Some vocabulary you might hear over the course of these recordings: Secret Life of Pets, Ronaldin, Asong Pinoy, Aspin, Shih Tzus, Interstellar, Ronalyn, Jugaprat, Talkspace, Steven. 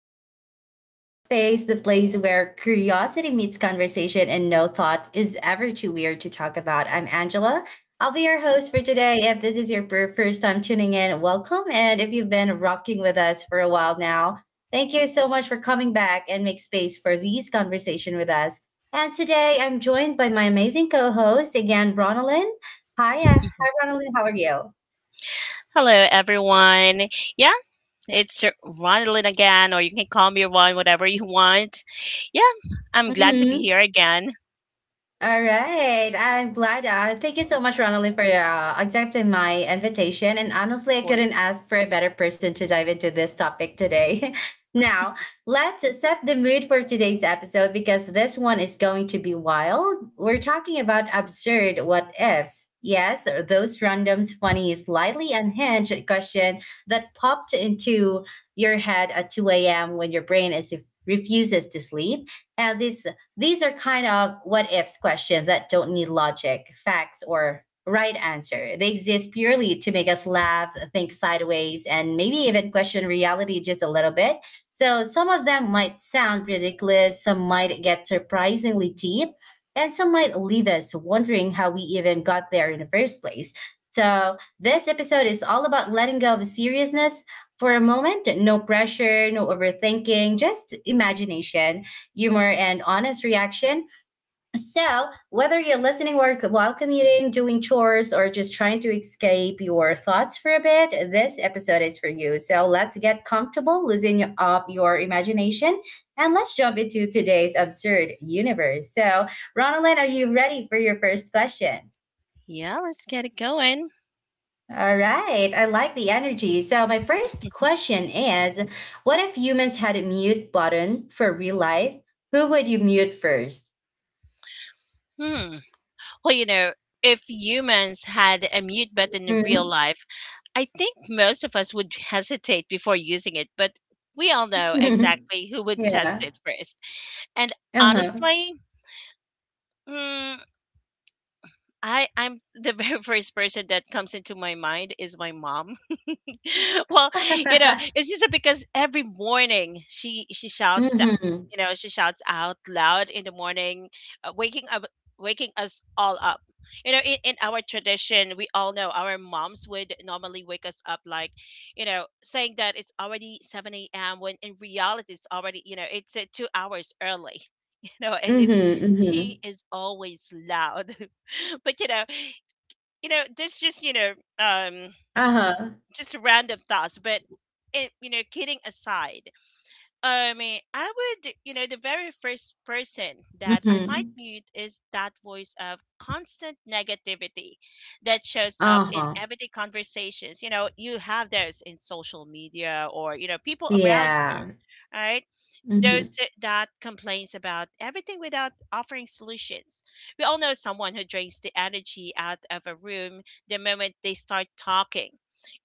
And welcome to Talkspace, the place where curiosity meets conversation and no thought is ever too weird to talk about. I'm Angela. I'll be your host for today. If this is your first time tuning in, welcome. And if you've been rocking with us for a while now, thank you so much for coming back and make space for these conversation with us. And today I'm joined by my amazing co-host again, Ronalyn. Hi, hi Ronalyn. How are you? Hello, everyone. Yeah, it's Ronaldin again, or you can call me Ron, whatever you want. Yeah, I'm glad to be Mhm. here again. Of All right. I'm glad. Thank you so much, Ronaldin, for accepting my invitation. And honestly, I couldn't course. ask for a better person to dive into this topic today. Now, let's set the mood for today's episode because this one is going to be wild. We're talking about absurd what ifs. Yes, or those random, funny, slightly unhinged question that popped into your head at 2 a.m. when your brain is refuses to sleep. And this these are kind of what ifs questions that don't need logic, facts, or right answer. They exist purely to make us laugh, think sideways, and maybe even question reality just a little bit. So some of them might sound ridiculous, some might get surprisingly deep, and some might leave us wondering how we even got there in the first place. So this episode is all about letting go of seriousness for a moment. No pressure, no overthinking, just imagination humor and honest reaction. So, whether you're listening work while commuting, doing chores, or just trying to escape your thoughts for a bit, this episode is for you. So, let's get comfortable, loosen up your imagination, and let's jump into today's absurd universe. So, Ronalyn, are you ready for your first question? Yeah, let's get it going. All right, I like the energy. So, my first question is, what if humans had a mute button for real life? Who would you mute 1st? Hmm. Well, you know, if humans had a mute button in real life, I think most of us would hesitate before using it, but we all know exactly who would test Yeah. it first. And Uh-huh. honestly, mm, I'm the very first person that comes into my mind is my mom. Well, you know, it's just that because every morning she shouts that, Mhm. you know, she shouts out loud in the morning, uh, waking up waking us all up. You know, in our tradition, we all know our moms would normally wake us up like, you know, saying that it's already 7 a.m. when in reality it's already, you know, it's 2 hours early, you know, and Mhm, mhm. she is always loud. But, you know, this just, you know, um, Uh-huh. just random thoughts, but it, you know, kidding aside, I mean, I would, you know, the very first person that I might Mhm. mute is that voice of constant negativity that shows up in Uh-huh. everyday conversations. You know, you have those in social media or, you know, people around you, Yeah. right? Those Mhm. that complains about everything without offering solutions. We all know someone who drains the energy out of a room the moment they start talking.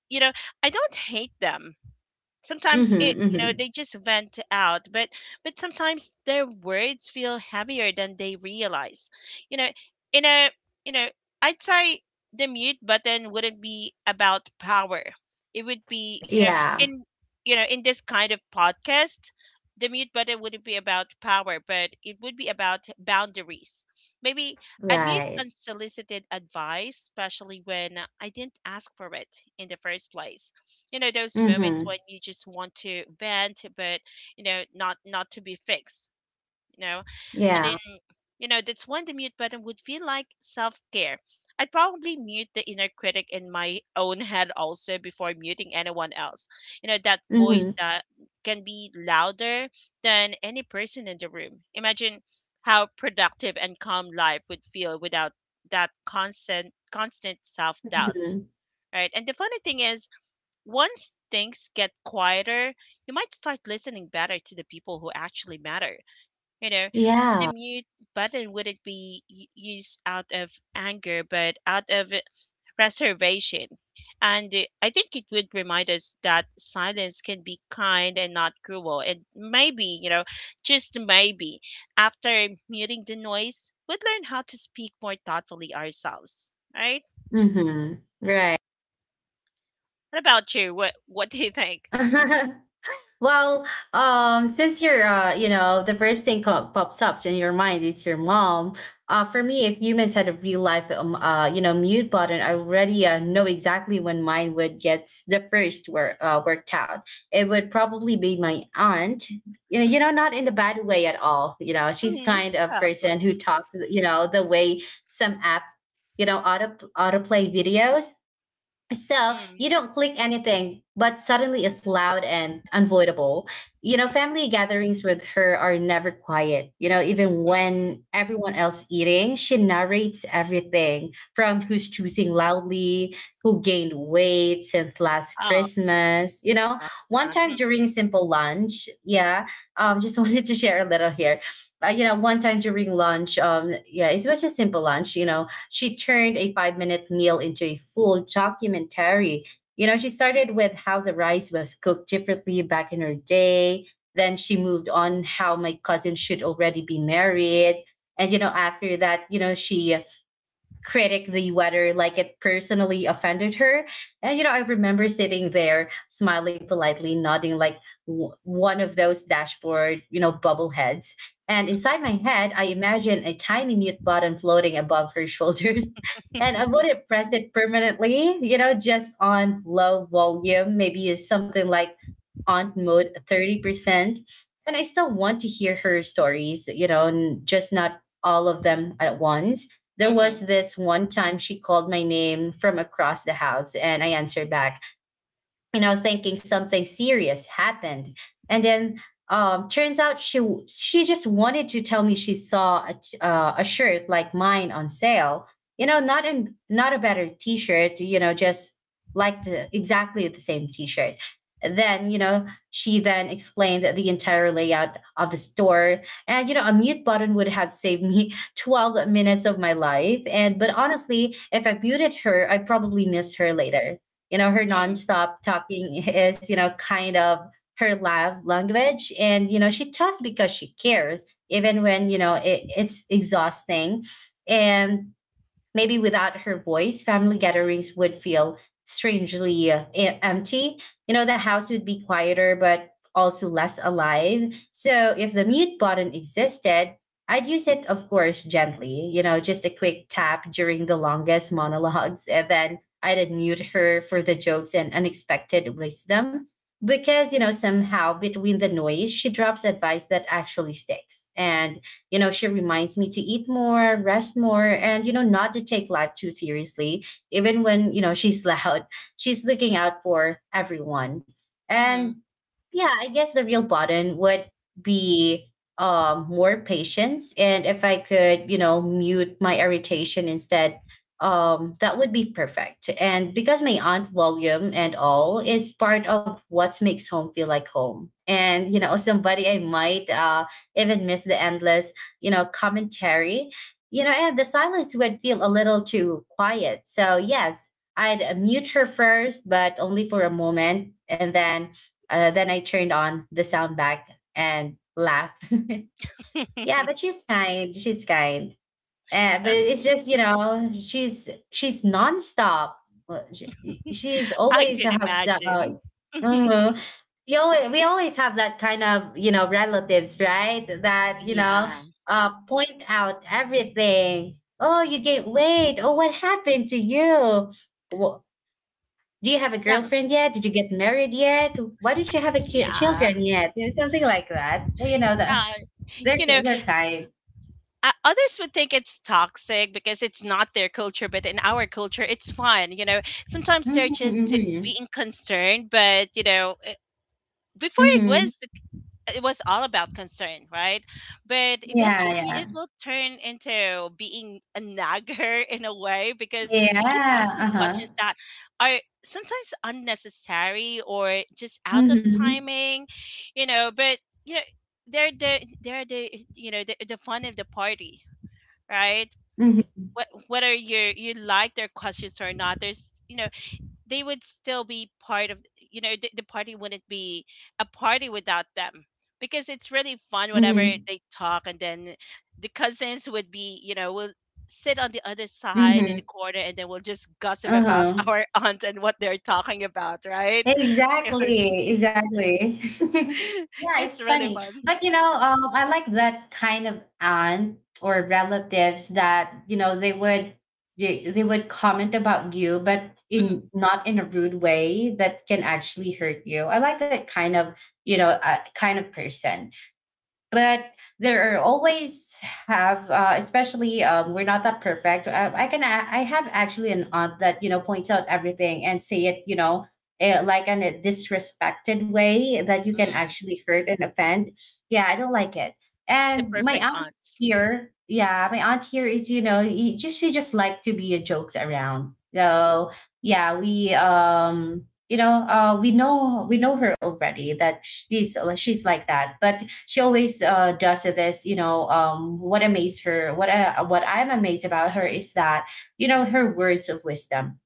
You know, I don't hate them. Sometimes Mhm, it, you know, they mhm. just vent out, but sometimes their words feel heavier than they realize. You know, in a you know I'd say the mute button wouldn't be about power it would be you know Yeah. in you know In this kind of podcast, the mute button wouldn't be about power, but it would be about boundaries. Maybe I'd mute Right. unsolicited advice, especially when I didn't ask for it in the first place. You know, those moments when Mhm. you just want to vent but, you know, not to be fixed, you know. And then, Yeah. you know, that's when the mute button would feel like self-care. I'd probably mute the inner critic in my own head also before muting anyone else. You know, that voice Mhm. that can be louder than any person in the room. Imagine how productive and calm life would feel without that constant self-doubt, Mhm. right? And the funny thing is, once things get quieter, you might start listening better to the people who actually matter. You know, the Yeah. mute button wouldn't be used out of anger, but out of reservation. And I think it would remind us that silence can be kind and not cruel. And maybe, you know, just maybe, after muting the noise, we'd learn how to speak more thoughtfully ourselves. Right? Mhm. Right. What about you? What do you think? Well, since you're the first thing pops up in your mind is your mom. For me, if humans had a real life, mute button, I already know exactly when mine would get the first worked out. It would probably be my aunt. You know, not in a bad way at all. You know, she's hmm kind of Yeah, of person who course. talks. You know, the way some app, auto autoplay videos so you Mm, don't click anything, but suddenly it's loud and unavoidable. You know, family gatherings with her are never quiet. You know, even mm. when everyone else eating, she narrates everything from who's choosing loudly, who gained weight since last Oh, Christmas. You know, one no, it's time not. during simple lunch, yeah, just wanted to share a little here. You know, one time during lunch, yeah, it was just simple lunch. You know, she turned a 5 minute meal into a full documentary. You know, she started with how the rice was cooked differently back in her day. Then she moved on how my cousin should already be married. And, you know, after that, she critically whether like it personally offended her, and you know I remember sitting there smiling politely nodding like one of those dashboard bubble heads, and inside my head I imagine a tiny mute button floating above her shoulders. And I Mm. wouldn't press it permanently, you know, just on low volume maybe is something like aunt mode 30%. And I still want to hear her stories, you know, and just not all of them at once. There Mhm, was this one time she called my name from across the house and I answered back, thinking something serious happened, and then turns out she just wanted to tell me she saw a shirt like mine on sale. You know, not in not a better t-shirt, you know, just like the exactly the same t-shirt. Then, you know, she then explained the entire layout of the store. And you know a mute button would have saved me 12 minutes of my life, and but honestly if I muted her I probably miss her later. You know, her mhm, nonstop talking is, you know, kind of her love language. And, you know, she talks because she cares, even when, you know, it's exhausting. And maybe without her voice, family gatherings would feel strangely empty. You know, the house would be quieter, but also less alive. So if the mute button existed, I'd use it, of course, gently, you know, just a quick tap during the longest monologues. And then I'd unmute her for the jokes and unexpected wisdom. Because, you know, somehow between the noise, she drops advice that actually sticks. And you know, she reminds me to eat more, rest more, and, you know, not to take life too seriously, even when, you know, she's loud. She's looking out for everyone. And mhm. yeah, I guess the real button would be more patience. And if I could, you know, mute my irritation instead, that would be perfect. And because my aunt volume and all is part of what makes home feel like home. And, you know, somebody I might even miss the endless, you know, commentary. You know, and the silence would feel a little too quiet. So, yes, I'd mute her first, but only for a moment. And then I turned on the sound back and laughed. Yeah, but she's kind. She's kind. But Of it's just course. you know she's nonstop. Well, she- She's I always could has, imagine. mhm. We always have that kind of you know relatives, right? That you know Yeah, point out everything. Oh, you gained weight. Oh, what happened to you? Do you have a yeah, girlfriend yet? Did you get married yet? Why did you have a yeah, children yet? You know, something like that. But you know, yeah. You know, they're kind. Others would think it's toxic because it's not their culture, but in our culture, it's fun. You know, sometimes they're Hmm. just Hmm. being concerned, but you know, eh, before it Hmm. was the it was all about concern, right? But Yeah, eventually yeah, it will turn into being a nagger in a way, because they keep yeah. asking Uh huh. questions that are sometimes unnecessary or just out of Hmm. timing, you know. But you know, they're the fun of the party, right? Hmm. What, whether you like their questions or not, there's, you know, they would still be part of, you know, the party wouldn't be a party without them, because it's really fun whenever Hmm. they talk. And then the cousins would be, you know, will sit on the other side in Hmm. the corner and then we'll just gossip Uh about huh. our aunt and what they're talking about, right? Exactly, exactly. Yeah, it's It's really funny. fun. But you know, I like that kind of aunt or relatives that, you know, they would they would comment about you, but Mhm, in not in a rude way that can actually hurt you. I like that kind of, you know, kind of person, but there are always have especially we're not that perfect. I can I have actually an aunt that you know points out everything and say it you know, like in a disrespected way that you can mm. actually hurt and offend. Yeah I don't like it. The And my perfect aunt aunts. here, yeah my aunt here is you know just she just like to be a jokes around. So yeah we you know we know her already that she's like that. But she always does this you know what amazed her, what I'm amazed about her is that you know her words of wisdom.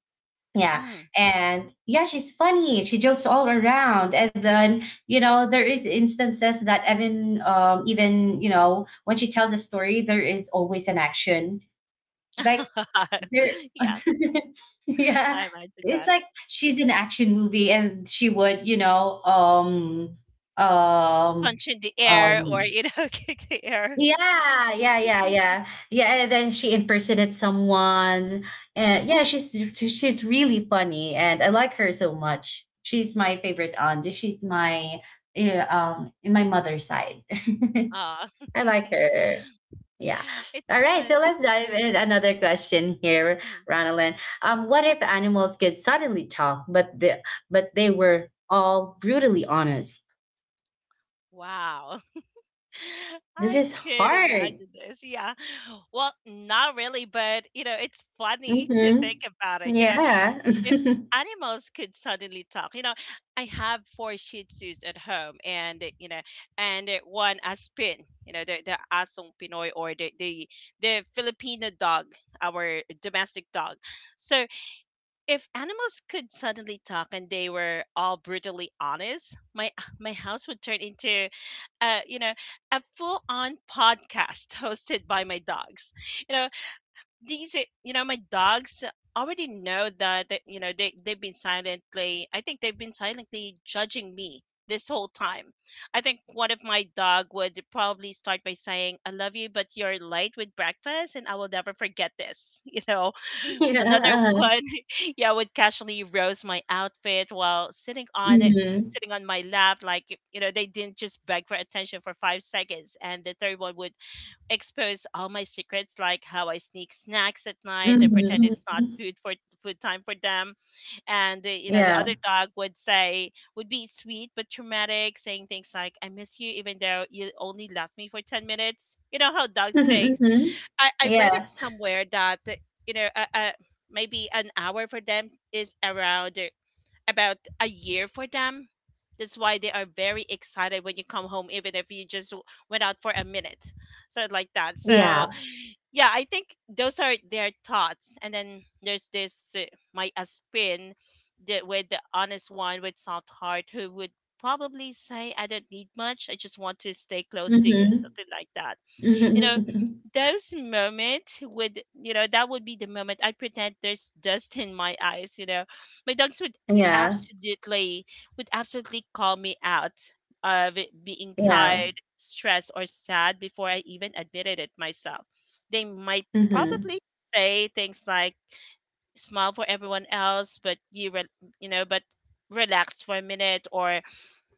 Yeah. hmm And yeah she's funny, she jokes all around and then you know there is instances that even even you know when she tells a story there is always an action like there. yeah, Yeah, I imagine it's that. like she's an action movie and she would you know um Punch in the air or, um you know, kick the air. yeah, yeah, yeah, yeah, yeah. And then she impersonated someone, and yeah, she's really funny, and I like her so much. She's my favorite aunt. She's my in my mother's side. Ah. I like her. Yeah. It's All right. So fun. let's dive in another question here, Mhm. Ronalyn. What if animals could suddenly talk, but they were all brutally honest? Wow. This I is could hard. imagine this. Yeah. Well, not really, but you know, it's funny to think Mm-hmm. about it. You know, Yeah. if animals could suddenly talk, you know, I have 4 Shih Tzus at home and, you know, and one Aspin, you know, the Asong Pinoy or the Filipino dog, our domestic dog. So, if animals could suddenly talk and they were all brutally honest, my my house would turn into, you know, a full on podcast hosted by my dogs. You know, these are- you know my dogs already know that, that you know they've been silently, I think they've been silently judging me this whole time. I think one of my dog would probably start by saying, "I love you, but you're late with breakfast and I will never forget this." You know, Yeah, another uh-huh. one yeah would casually roast my outfit while sitting on it Mhm. sitting on my lap, like, you know, they didn't just beg for attention for 5 seconds. And the third one would exposed all my secrets, like how I sneak snacks at night Mhm, and pretend it's not mhm. Food time for them. And the, you know, the other Yeah. dog would say would be sweet but traumatic, saying things like "I miss you," even though you only left me for 10 minutes. You know how dogs think. Mhm, mhm. I read it Yeah. somewhere that, you know, maybe an hour for them is around, about a year for them. That's why they are very excited when you come home, even if you just went out for a minute. So, like that. So, Yeah. yeah, I think those are their thoughts. And then there's this my aspin, the, with the honest one with soft heart who would probably say, "I don't need much. I just want to stay close to you," Mhm. something like that. You Mhm, know, mhm. those moments would, you know, that would be the moment I pretend there's dust in my eyes. You know, my dogs Yeah. absolutely would absolutely call me out of it being Yeah. tired, stressed or sad before I even admitted it myself. They might Mhm. probably say things like, "Smile for everyone else but you re- you know but relax for a minute," or,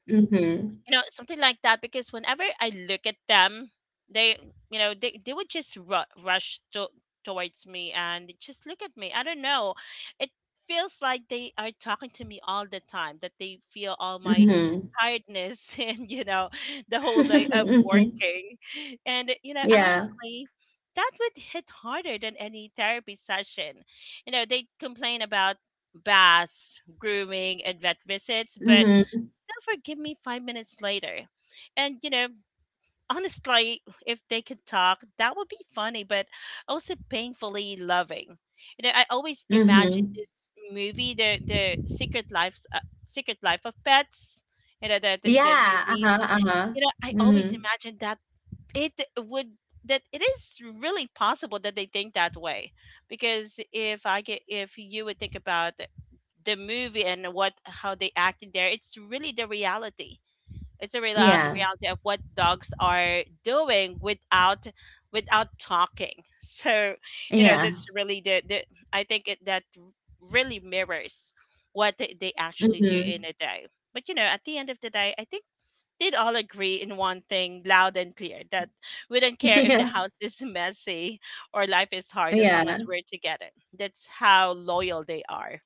Mhm. you know, something like that, because whenever I look at them, they, you know, they would just towards me and just look at me. I don't know, it feels like they are talking to me all the time, that they feel all my Mhm. tiredness and, you know, the whole day of Mhm. working. And you know Yeah. honestly, that would hit harder than any therapy session. You know, they complain about baths, grooming and vet visits, but Mhm. still forgive me 5 minutes later. And you know honestly, if they could talk, that would be funny, but also painfully loving. You know, I always imagine Mhm. this movie, the Secret Secret Life of Pets. You know, the Yeah. movie. Uh-huh, uh-huh. You know, I always Mhm. imagine that it would, that it is really possible that they think that way, because if I get if you would think about the movie and what how they act in there, it's really the reality. It's a real Yeah. reality of what dogs are doing without without talking. So you know, Yeah. that's really the I think it, that really mirrors what they actually do in Mhm. a day. But you know at the end of the day I think they'd all agree in one thing loud and clear, that we don't care if the Yeah. house is messy or life is hard, as long as Yeah. we're together. That's how loyal they are.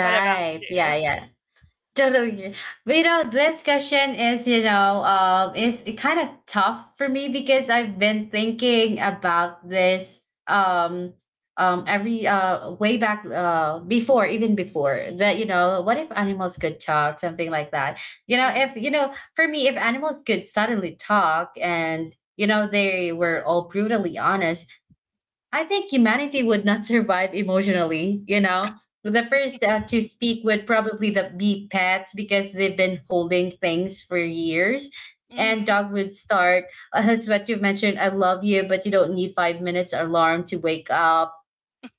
What about you? Yeah, yeah. Totally agree. But you know, this question is, you know, is kind of tough for me because I've been thinking about this every way back before, even before that, you know, what if animals could talk, something like that. You know, Mm. if you know, for me, if animals could suddenly talk and you know they were all brutally honest, I think humanity would not survive emotionally, you know? The first to speak would probably be pets because they've been holding things for years. And Mm. dog would start, as what you've mentioned, I love you, but you don't need 5 minutes alarm to wake up,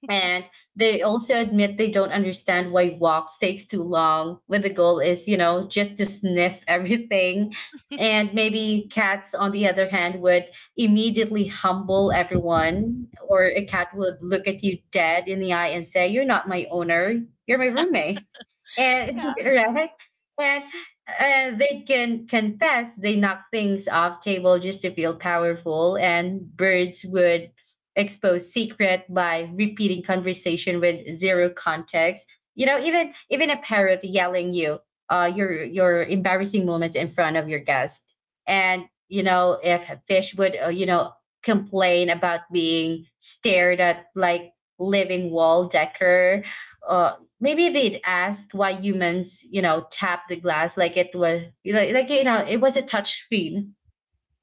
and they also admit they don't understand why walks takes too long when the goal is, just to sniff everything. And maybe cats, on the other hand, would immediately humble everyone. Or a cat would look at you dead in the eye and say, you're not my owner, you're my roommate. Yeah. And right. And they can confess they knock things off table just to feel powerful. And birds would expose secret by repeating conversation with zero context. You know, even a parrot yelling you, your embarrassing moments in front of your guest. And, you know, if a fish would, complain about being stared at like living wall decker. Uh, maybe they'd ask why humans, tap the glass like it was, it was a touch screen.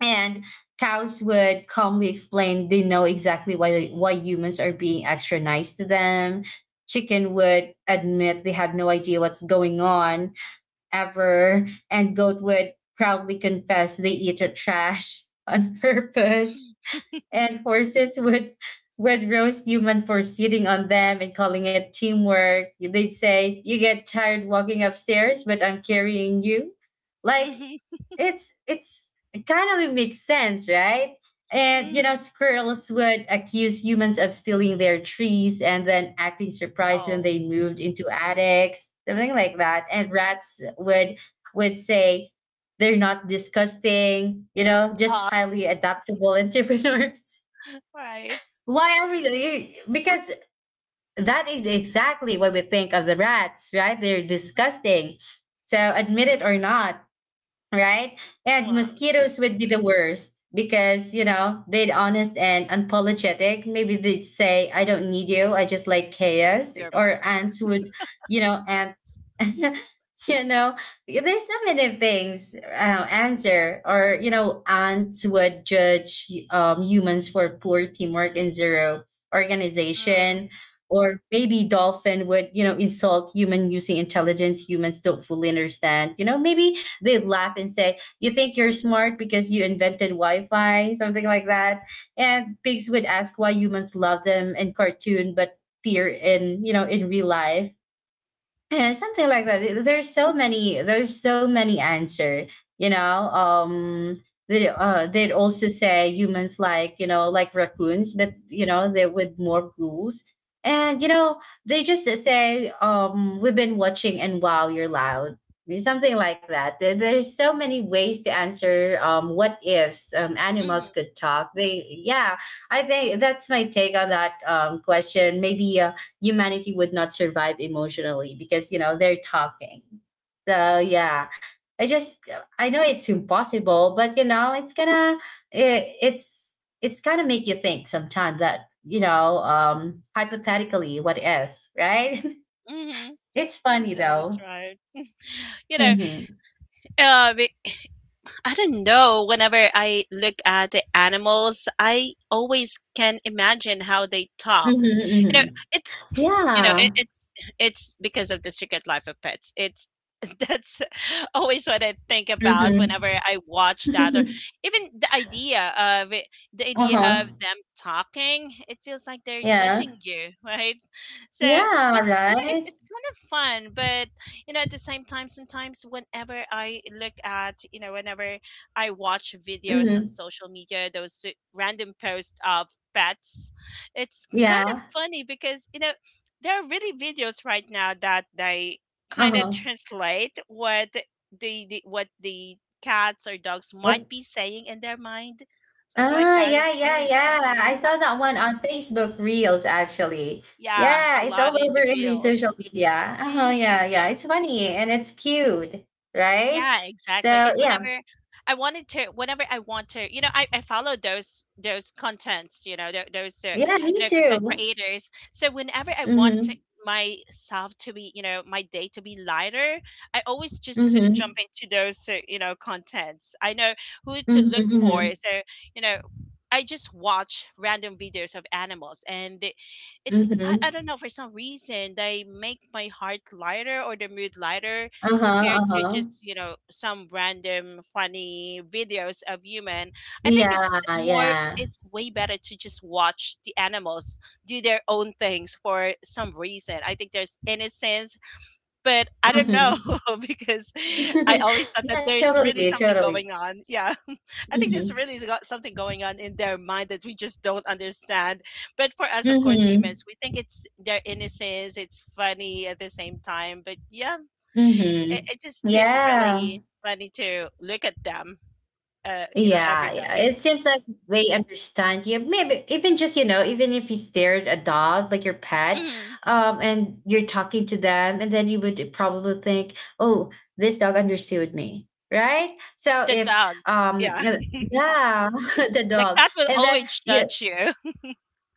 And cows would calmly explain they know exactly why humans are being extra nice to them. Chicken would admit they have no idea what's going on ever. And goat would proudly confess they eat the trash on purpose. And horses would would roast human for sitting on them and calling it teamwork. They'd say, "You get tired walking upstairs, but I'm carrying you." Like Hmm, it kind of makes sense, right? And, hmm. squirrels would accuse humans of stealing their trees and then acting surprised when Oh. they moved into attics, something Mm-hmm. like that. And rats would say they're not disgusting, just Ah, highly adaptable entrepreneurs. right. Why are we because that is exactly what we think of the rats, right? They're disgusting. So admit it or not, right? And Mom, mosquitoes would be the worst because, they'd honest and unapologetic. Maybe they'd say, I don't need you. I just like chaos. your Or blood. ants would, you know, and, you know, there's so many things, answer. Or, ants would judge humans for poor teamwork and zero Mm, organization. Or maybe dolphin would, insult human using intelligence humans don't fully understand. Maybe they'd laugh and say, you think you're smart because you invented Wi Fi, something like that. And pigs would ask why humans love them in cartoon but fear in, in real life. Yeah, something like that. There's so many. There's so many answer. You know, um, they'd also say humans like, like raccoons, but, they with more rules. And, they just say, we've been watching and wow you're loud, I mean, something like that. There's so many ways to answer what ifs mm-hmm. animals could talk. They, yeah, I think that's my take on that question. Maybe humanity would not survive emotionally because, they're talking, so yeah. I just, I know it's impossible, but, it's gonna, it's gonna make you think sometimes that, hypothetically, what if, right? Mm-hmm. It's funny That is though. right. You know, Mm-hmm. uh, be- I don't know. Whenever I look at the animals, I always can imagine how they talk. Mm-hmm, You know, mm-hmm. it's you know it, Yeah. it's it's because of the Secret Life of Pets. It's that's always what I think about whenever Mm-hmm. I watch that, or even the idea of it, the idea of Uh-huh. them talking. It feels like they're judging Yeah, you, right? So, yeah, but you know, it, right. it's kind of fun. But you know, at the same time, sometimes whenever I look at, you know, whenever I watch videos on Mm-hmm. social media, those random posts of pets, it's kind of Yeah. funny because, you know, there are really videos right now that they kind of Uh-huh. translate what the cats or dogs might be saying in their mind. So like Ah, that is yeah, yeah, always yeah. I funny. saw that one on Facebook Reels actually. Yeah, Yeah, a it's lot all in over the in the reels. social media. Uh-huh, hmm yeah, yeah. It's funny and it's cute, right? Yeah, exactly. So And yeah, whenever I want to, I follow those contents, you know, tho- those uh, yeah, you me know content too. creators. So whenever I want to, Mm-hmm. My day to be lighter, I always just Mm-hmm. jump into those, contents. I know who to Mm-hmm. look for. Mm-hmm. So, you know, I just watch random videos of animals. And they, it's I, I Mm-hmm. don't know, for some reason they make my heart lighter, or the mood lighter Uh-huh. compared to Uh-huh. just, some random funny videos of human. I think Yeah, it's more, yeah. it's way better to just watch the animals do their own things. For some reason, I think there's innocence, but I don't know, Mm-hmm. because I always thought that Yeah, there's really totally, something going totally. on, yeah. I think there's Mm-hmm. really got something going on in their mind that we just don't understand. But for us, of course, Mm-hmm. humans, we think it's their innocence. It's funny at the same time, but yeah, it, Mm-hmm. it just Yeah. really funny to look at them, Yeah, every yeah. day. It seems like they understand you. Maybe even just, even if you stare at a dog, like your pet, Mm. And you're talking to them, and then you would probably think, oh, this dog understood me, right? So The if dog, um yeah. uh, yeah, the The dog. cat will And then always you. judge you.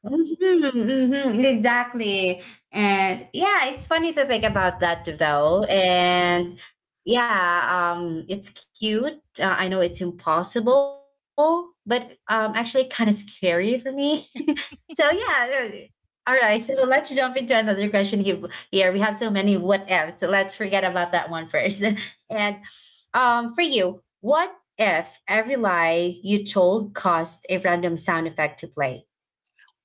Mhm, mhm, exactly. And yeah, it's funny to think about that though. And yeah, it's cute. I know it's impossible, but actually kind of scary for me. So yeah. All right, so let's jump into another question here. We have so many what ifs. So let's forget about that one first. And for you, what if every lie you told caused a random sound effect to play?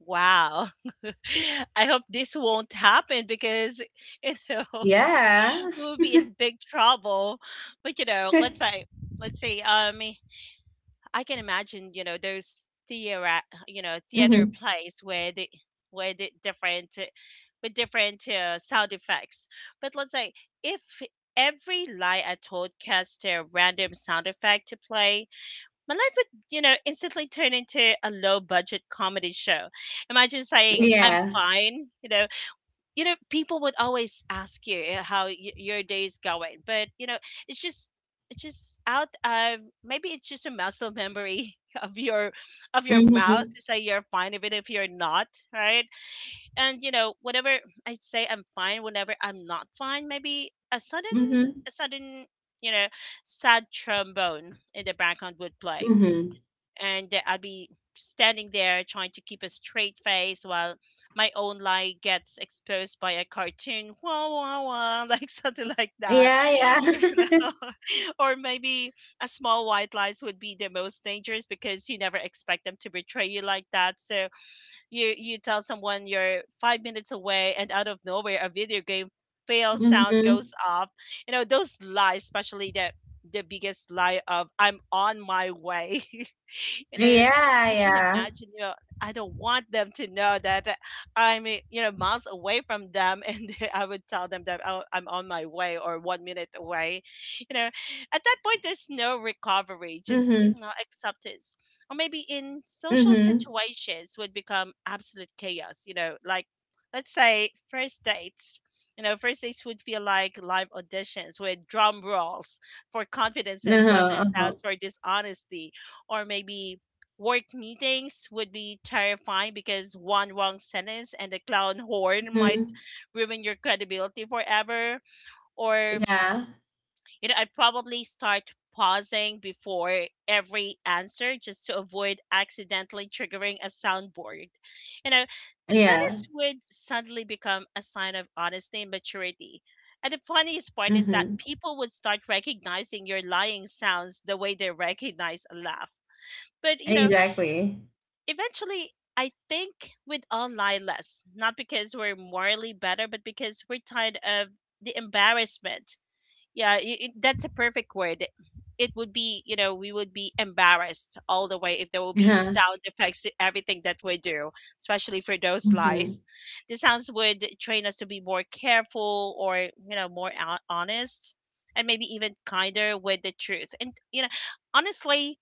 Wow. I hope this won't happen, because you know Yeah. we'll be in big trouble. But, let's say, I can imagine, those theater, Mhm. Theater plays where the different with different sound effects. But let's say, if every lie I told cast a random sound effect to play, my life would, instantly turn into a low budget comedy show. Imagine saying, "I'm Yeah. fine." People would always ask you how your day is going, but, it's just, it's just out of maybe it's just a muscle memory of your, mouth, Mhm. to say you're fine even if you're not, right? And, whenever I say I'm fine, whenever I'm not fine, maybe a sudden, Mhm. a sudden you know sad trombone in the background would play, Mhm. and I'll be standing there trying to keep a straight face while my own lie gets exposed by a cartoon, wah wah wah, like something like that, Yeah, you yeah. know. Or maybe a small white lies would be the most dangerous, because you never expect them to betray you like that. So you tell someone you're 5 minutes away, and out of nowhere, a video game fail sound Mhm. goes off. You know those lies, especially the, biggest lie of "I'm on my way." You know, Yeah, I can yeah. imagine, I don't want them to know that I'm, miles away from them. And I would tell them that, oh, I'm on my way, or 1 minute away. You know, at that point, there's no recovery, just, Mhm. Acceptance. Or maybe in social Mhm. situations would become absolute chaos, like, let's say, first dates. You know, first dates would feel like live auditions, with drum rolls for confidence and buzzer Uh-huh. Uh-huh. sounds for dishonesty. Or maybe work meetings would be terrifying, because one wrong sentence and the clown horn might Mhm. ruin your credibility forever. Or, Yeah. I'd probably start pausing before every answer, just to avoid accidentally triggering a soundboard. You know, Yeah. silence would suddenly become a sign of honesty and maturity. And the funniest part is that Mhm. people would start recognizing your lying sounds the way they recognize a laugh. But, Exactly. eventually, I think we'd all lie less, not because we're morally better, but because we're tired of the embarrassment. Yeah, that's a perfect word. It would be, we would be embarrassed all the way if there will be Uh-huh. sound effects to everything that we do, especially for those lies. Mhm. The sounds would train us to be more careful, or, more honest, and maybe even kinder with the truth. And, honestly,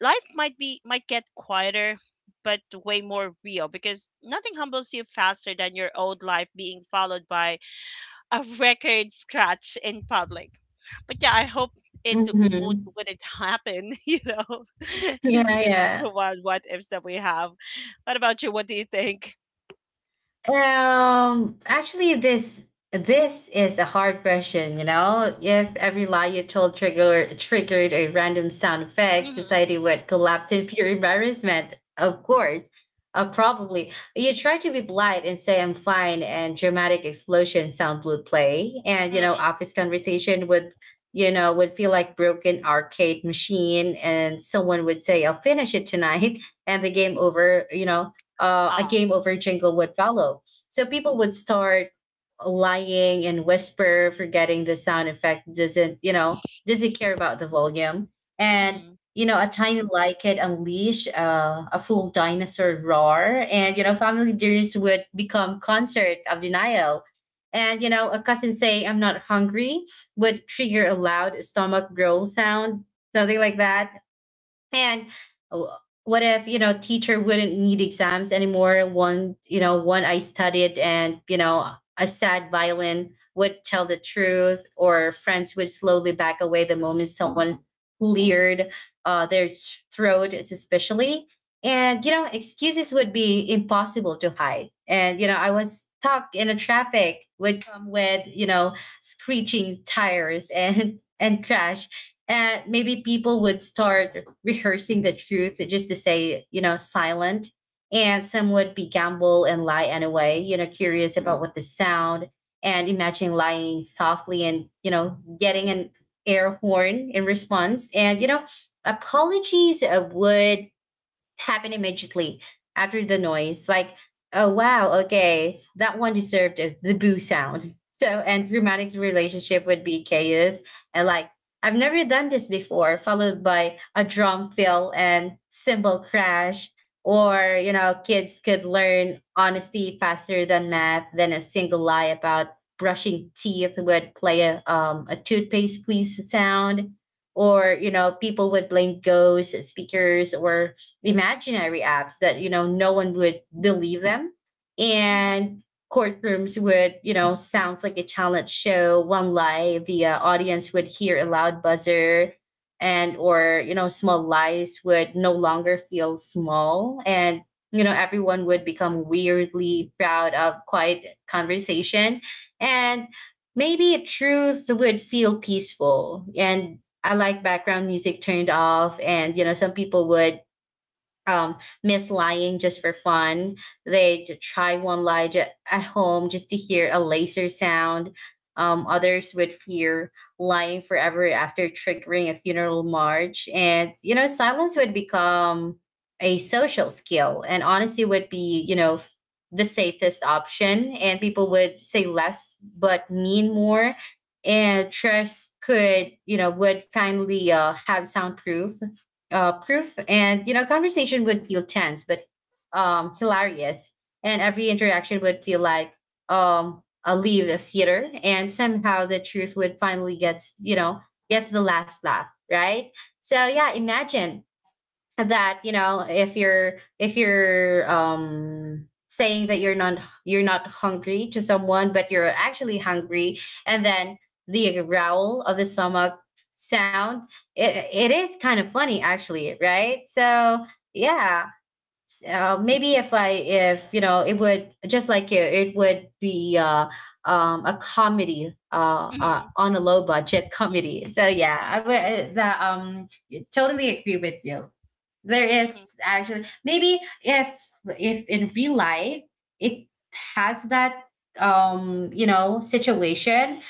life might be, might get quieter, but way more real, because nothing humbles you faster than your old life being followed by a record scratch in public. But yeah, I hope Mhm. wouldn't happen. This Yeah, is just yeah. the one what ifs that we have. What about you? What do you think? Actually, this is a hard question. You know, if every lie you told triggered a random sound effect, Mm-hmm, society would collapse in pure embarrassment. Of course, probably you try to be polite and say "I'm fine," and dramatic explosion sound would play, and, you know, mm-hmm. office conversation would you know would feel like broken arcade machine, and someone would say, "I'll finish it tonight," and the game over. You know, a Ah, game over jingle would follow. So people would start lying and whisper, forgetting the sound effect doesn't, you know, doesn't care about the volume. And, mm-hmm, you know, a tiny light could unleash a full dinosaur roar. And, you know, family dinners would become concert of denial. And, you know, a cousin saying, I'm not hungry would trigger a loud stomach growl sound, something like that. And w- what if, you know, teacher wouldn't need exams anymore? One, you know, one I studied and, you know, a sad violin would tell the truth. Or friends would slowly back away the moment someone leered, their throat, especially. And, you know, excuses would be impossible to hide. And, you know, I was stuck in a traffic would come with, screeching tires and and crash. And maybe people would start rehearsing the truth just to say, you know, silent. And some would be gamble and lie anyway, you know, curious about what the sound. And imagine lying softly and, you know, getting an air horn in response. And, you know, apologies would happened immediately after the noise. Like, oh wow, okay, that one deserved the boo sound. So, and Romantic's relationship would be chaos, and like, I've never done this before, followed by a drum fill and cymbal crash. Or, you know, kids could learn honesty faster than math, then a single lie about brushing teeth would play a toothpaste squeeze sound. Or, you know, people would blame ghosts, speakers, or imaginary apps, that, you know, no one would believe them. mm-hmm, And courtrooms would, you know, sounds like a talent show. One lie, the audience would hear a loud buzzer. And or, you know, small lies would no longer feel small. And, you know, everyone would become weirdly proud of quiet conversation. And maybe truth would feel peaceful, and I like background music turned off. And, you know, some people would um miss lying just for fun. Try one lie at home just to hear a laser sound. Others would fear lying forever after triggering a funeral march. And, you know, silence would become a social skill, and honesty would be, you know, the safest option, and people would say less but mean more. And trust could, would finally have soundproof proof, and, you know, conversation would feel tense but hilarious, and every interaction would feel like a leave the theater, and somehow the truth would finally gets, gets the last laugh, right? So yeah, imagine that, you know, if you're saying that you're not hungry to someone but you're actually hungry, and then the growl of the stomach sound, it is kind of funny actually, right? So yeah. So maybe if you know it would just like you, it would be a comedy, mm-hmm. on a low budget comedy. So yeah, I would, that totally agree with you. There Hmm. is actually, maybe if, in real life it has that you know situation,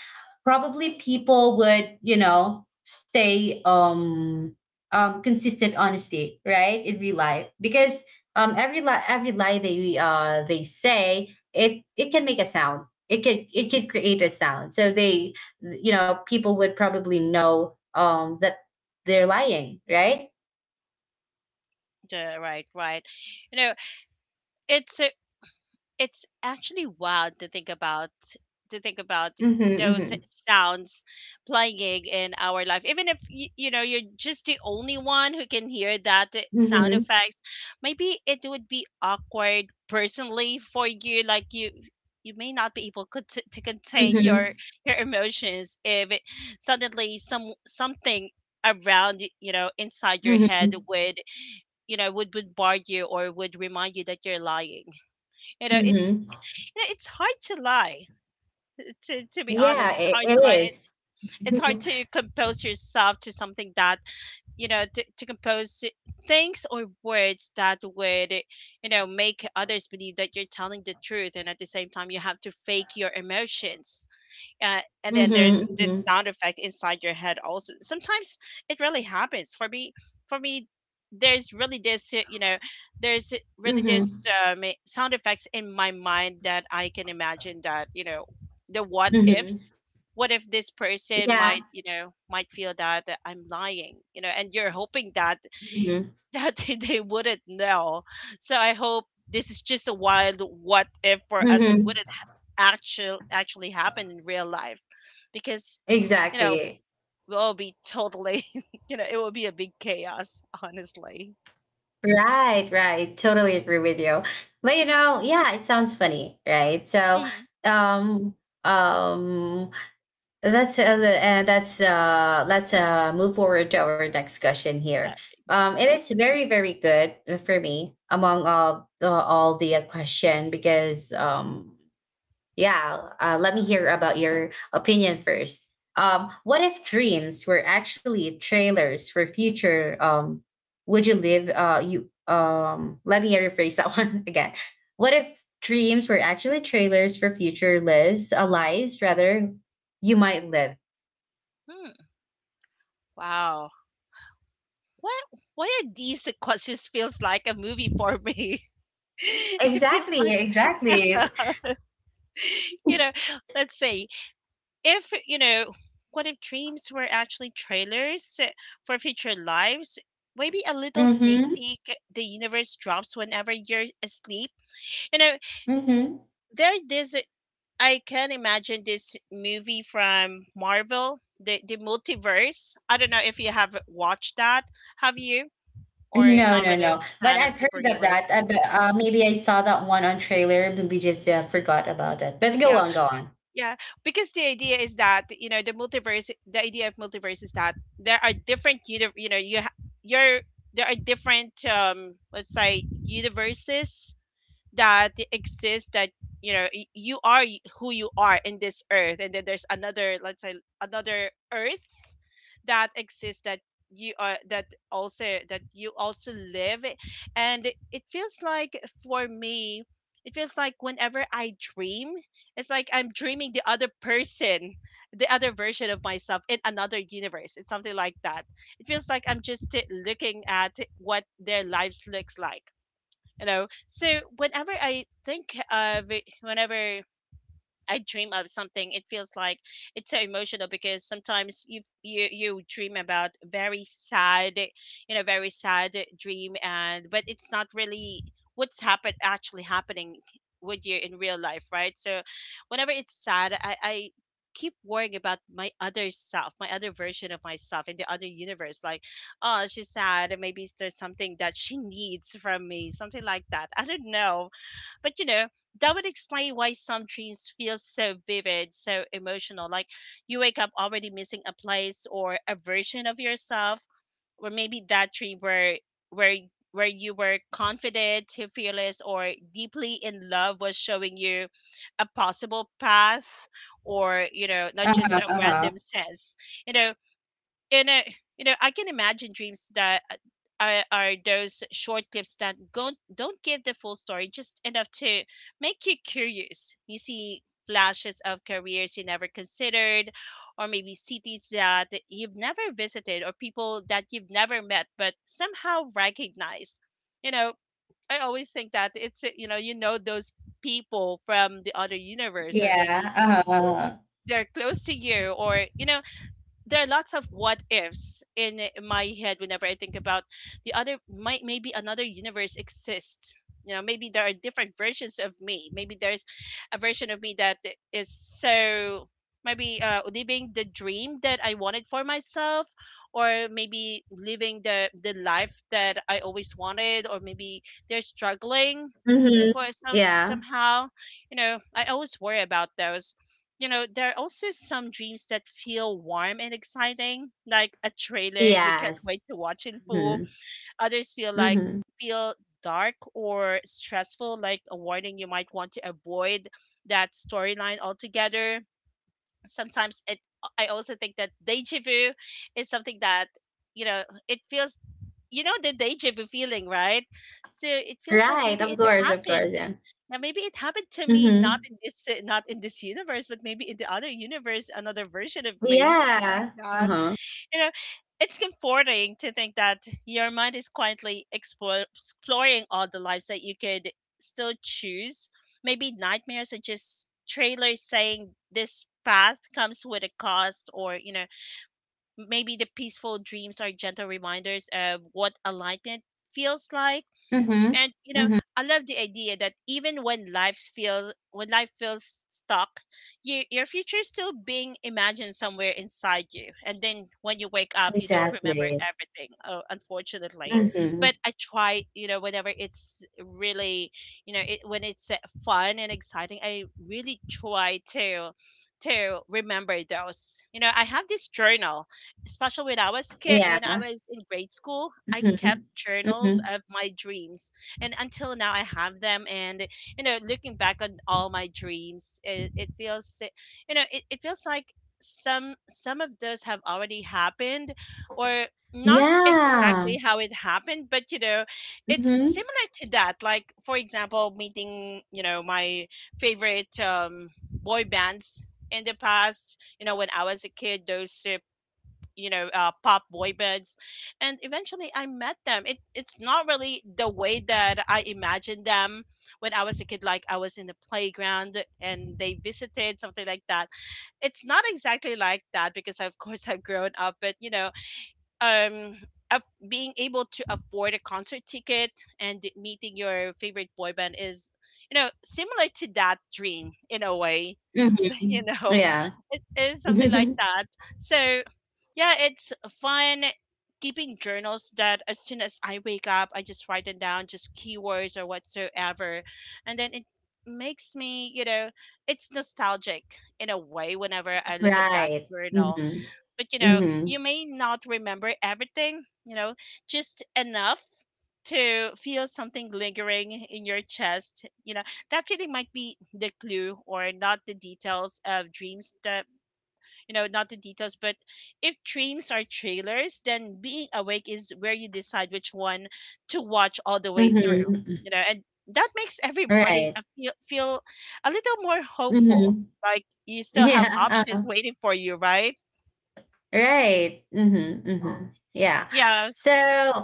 probably people would, you know, stay consistent honesty, right, in real life because every lie they say it can make a sound, it could create a sound, so they, you know, people would probably know that they're lying, right? Right, right. you know it's it's actually wild to think about, to think about Mm-hmm, those mm-hmm. sounds playing in our life, even if you, you know you're just the only one who can hear that sound Mhm. effects. Maybe it would be awkward personally for you. Like you may not be able, to, contain your, Mhm. Emotions, if it, suddenly, something around, inside your head Mhm. would, would bombard you, or would remind you that you're lying. You know it's Mhm. Yeah, it's hard to lie. To be honest, Yeah, it's I hard to it lie. And It's is. Hard Mhm. to compose yourself to something that, to compose things, or words that would, make others believe that you're telling the truth, and at the same time you have to fake your emotions, and then there's this Mhm. sound effect inside your head also sometimes. It really happens for me, for me there's really this, Mhm. Sound effects in my mind, that I can imagine that, the what Mhm. ifs. What if this person Yeah. might, might feel that, I'm lying? And you're hoping that Mhm. that they wouldn't know. So I hope this is just a wild what if for us, and Mhm. wouldn't actually happen in real life, because, you know Exactly. we'll all be totally it will be a big chaos, honestly. Right, right. Totally agree with you. But, you know, yeah, it sounds funny, right? So, Mhm. um, um, let's move forward to our next question here. Uh, It is very, very good for me among all, all the, question, because yeah, let me hear about your opinion first. What if dreams were actually trailers for future? Would you live? You let me rephrase that one again. What if dreams were actually trailers for future lives rather you might live? hmm. Wow. What Why are these questions feels like a movie for me? It feels Exactly, like. exactly. you know, let's say, if what if dreams were actually trailers for future lives, maybe a little sneak Mm-hmm. peek the universe drops whenever you're asleep, you know? Mm-hmm. There this I can imagine this movie from Marvel, the Multiverse. I don't know if you have watched that. Have you? Or No, not no, really a no. But fan of I've heard of that. superheroes? But, maybe I saw that one on trailer, but we just forgot about it. But go Yeah. on, go on. Yeah, because the idea is that, the multiverse. The idea of multiverse is that there are different, you're there are different, let's say, universes that exists, that, you are, who you are in this earth, and then there's another, let's say, another earth that exists, that you are, that, also that you also live. And it feels like, for me, it feels like whenever I dream, it's like I'm dreaming the other person, the other version of myself in another universe. It's something like that. It feels like I'm just looking at what their lives looks like, you know? So whenever I think of, whenever I dream of something, it feels like it's so emotional, because sometimes you, you dream about very sad, you know, very sad dream, and but it's not really what's happened actually happening with you in real life, right? So, whenever it's sad, I keep worrying about my other self, my other version of myself in the other universe, like, oh, she's sad, maybe there's something that she needs from me, something like that, I don't know. But, you know, that would explain why some dreams feel so vivid, so emotional. Like, you wake up already missing a place, or a version of yourself, or maybe that dream where, where where you were confident, fearless, or deeply in love was showing you a possible path, or, you know, not just Uh-huh, a uh-huh. random sense, you know? And, I, you know, I can imagine dreams that are, those short clips that don't give the full story, just enough to make you curious. You see flashes of careers you never considered, or maybe cities that you've never visited, or people that you've never met, but somehow recognize. You know, I always think that it's, you know those people from the other universe, or Yeah. maybe Uh-huh. Uh-huh. they're close to you, or, you know, there are lots of what ifs in, my head whenever I think about the other might, maybe another universe exists. You know, maybe there are different versions of me. Maybe there's a version of me that is so maybe living the dream that I wanted for myself, or maybe living the life that I always wanted, or maybe they're struggling Mm-hmm. for Yeah. somehow. You know, I always worry about those. You know, there are also some dreams that feel warm and exciting like a trailer you can't Yes. wait to watch in full. Mm-hmm. Others feel like Mm-hmm. feel dark or stressful like a warning you might want to avoid that storyline altogether. Sometimes it, I also think that deja vu is something that, you know, it feels, you know, the deja vu feeling, right? So it feels like Right. maybe Of it course, of happened course. Yeah. now, maybe it happened to me Mm-hmm. Not in this universe but maybe in the other universe, another version of me, something like Yeah. that. Uh-huh. You know, it's comforting to think that your mind is exploring all the lives that you could still choose. Maybe nightmares are just trailers saying this path comes with a cost, or, you know, maybe the peaceful dreams are gentle reminders of what alignment feels like. Mm-hmm. And you know, Mm-hmm. I love the idea that even when life feels stuck, your future is still being imagined somewhere inside you. And then when you wake up, you don't remember Exactly. everything, unfortunately. Mm-hmm. But I try, you know, whenever it's really, you know, when it's fun and exciting, I really try to remember those. You know, I have this journal, especially when I was kid, when I Yeah. was in grade school, I Mm-hmm. kept Mm-hmm. journals of my dreams. And until now I have them. And you know, looking back on all my dreams, you know, it feels like some of those have already happened, or not exactly Yeah. how it happened, but you know, it's Mhm. similar to that. Like for example, meeting, you know, my favorite boy bands in the past, you know, when I was a kid, those, you know, pop boy bands, and eventually I met them. It's not really the way that I imagined them when I was a kid, like I was in the playground and they visited, something like that. It's not exactly like that because of course I've grown up. But you know, um of being able to afford a concert ticket and meeting your favorite boy band is, you know, similar to that dream in a way. You Mhm. know, Yeah. it is something like Mhm. that. So, yeah, it's fun keeping journals that as soon as I wake up, I just write them down, just keywords or whatsoever. And then it makes me, you know, it's nostalgic in a way whenever I look at that Right. journal. Mhm. But you know, you Mhm. may not remember everything, you know, just enough to feel something lingering in your chest. You know, that feeling might be the clue or not the details of dreams that, you know, not the details, but if dreams are trailers, then being awake is where you decide which one to watch all the way through. Mhm. You know, and that makes every morning Right. Feel a little more hopeful. Mhm. Like you still have Yeah. options Uh-huh. waiting for you, right? Right. Mhm. Mhm. Yeah. Yeah. So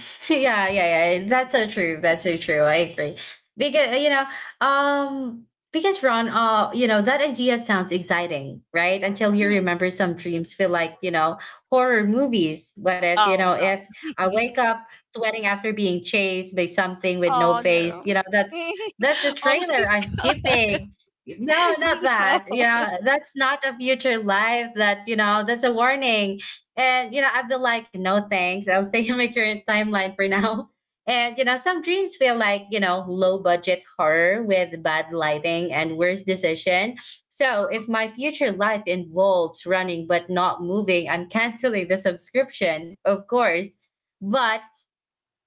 yeah, yeah, yeah. That's so true. That's so true. I agree. Because you know, um, because Ron, you know, that idea sounds exciting, right? Until you Mm-hmm. remember some dreams feel like, you know, horror movies. What if, you Oh know, no. if I wake up sweating after being chased by something with no Oh no. face, you know, that's a Oh trailer I'm skipping. No, my not god. that. You know, that's not a future life that, you know, that's a warning and, you know, I've been like, no thanks. I'll stay in my current timeline for now. And, you know, some dreams feel like, you know, low budget horror with bad lighting and worse decision. So if my future life involves running but not moving, I'm canceling the subscription, of course. But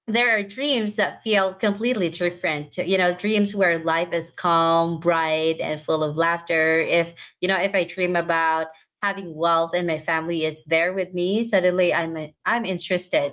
there are dreams that feel completely different, you know, dreams where life is calm, bright, and full of laughter. If, you know, if I dream about having wealth and my family is there with me, suddenly I'm interested.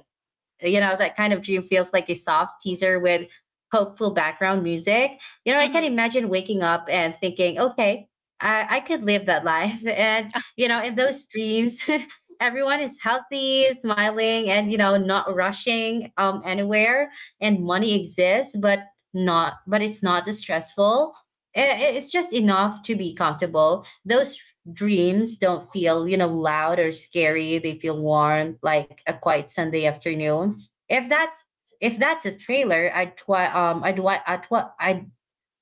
You know, that kind of dream feels like a soft teaser with hopeful background music. You know, I can Hmm. imagine waking up and thinking, okay, I could live that life. And, you know, in those dreams, everyone is healthy, smiling, and, you know, not rushing anywhere. And money exists, but it's not as stressful. It's just enough to be comfortable. Those dreams don't feel, you know, loud or scary. They feel warm, like a quiet Sunday afternoon. If that's if that's a trailer, I'd twi- I'd wa- I'd, wa- I'd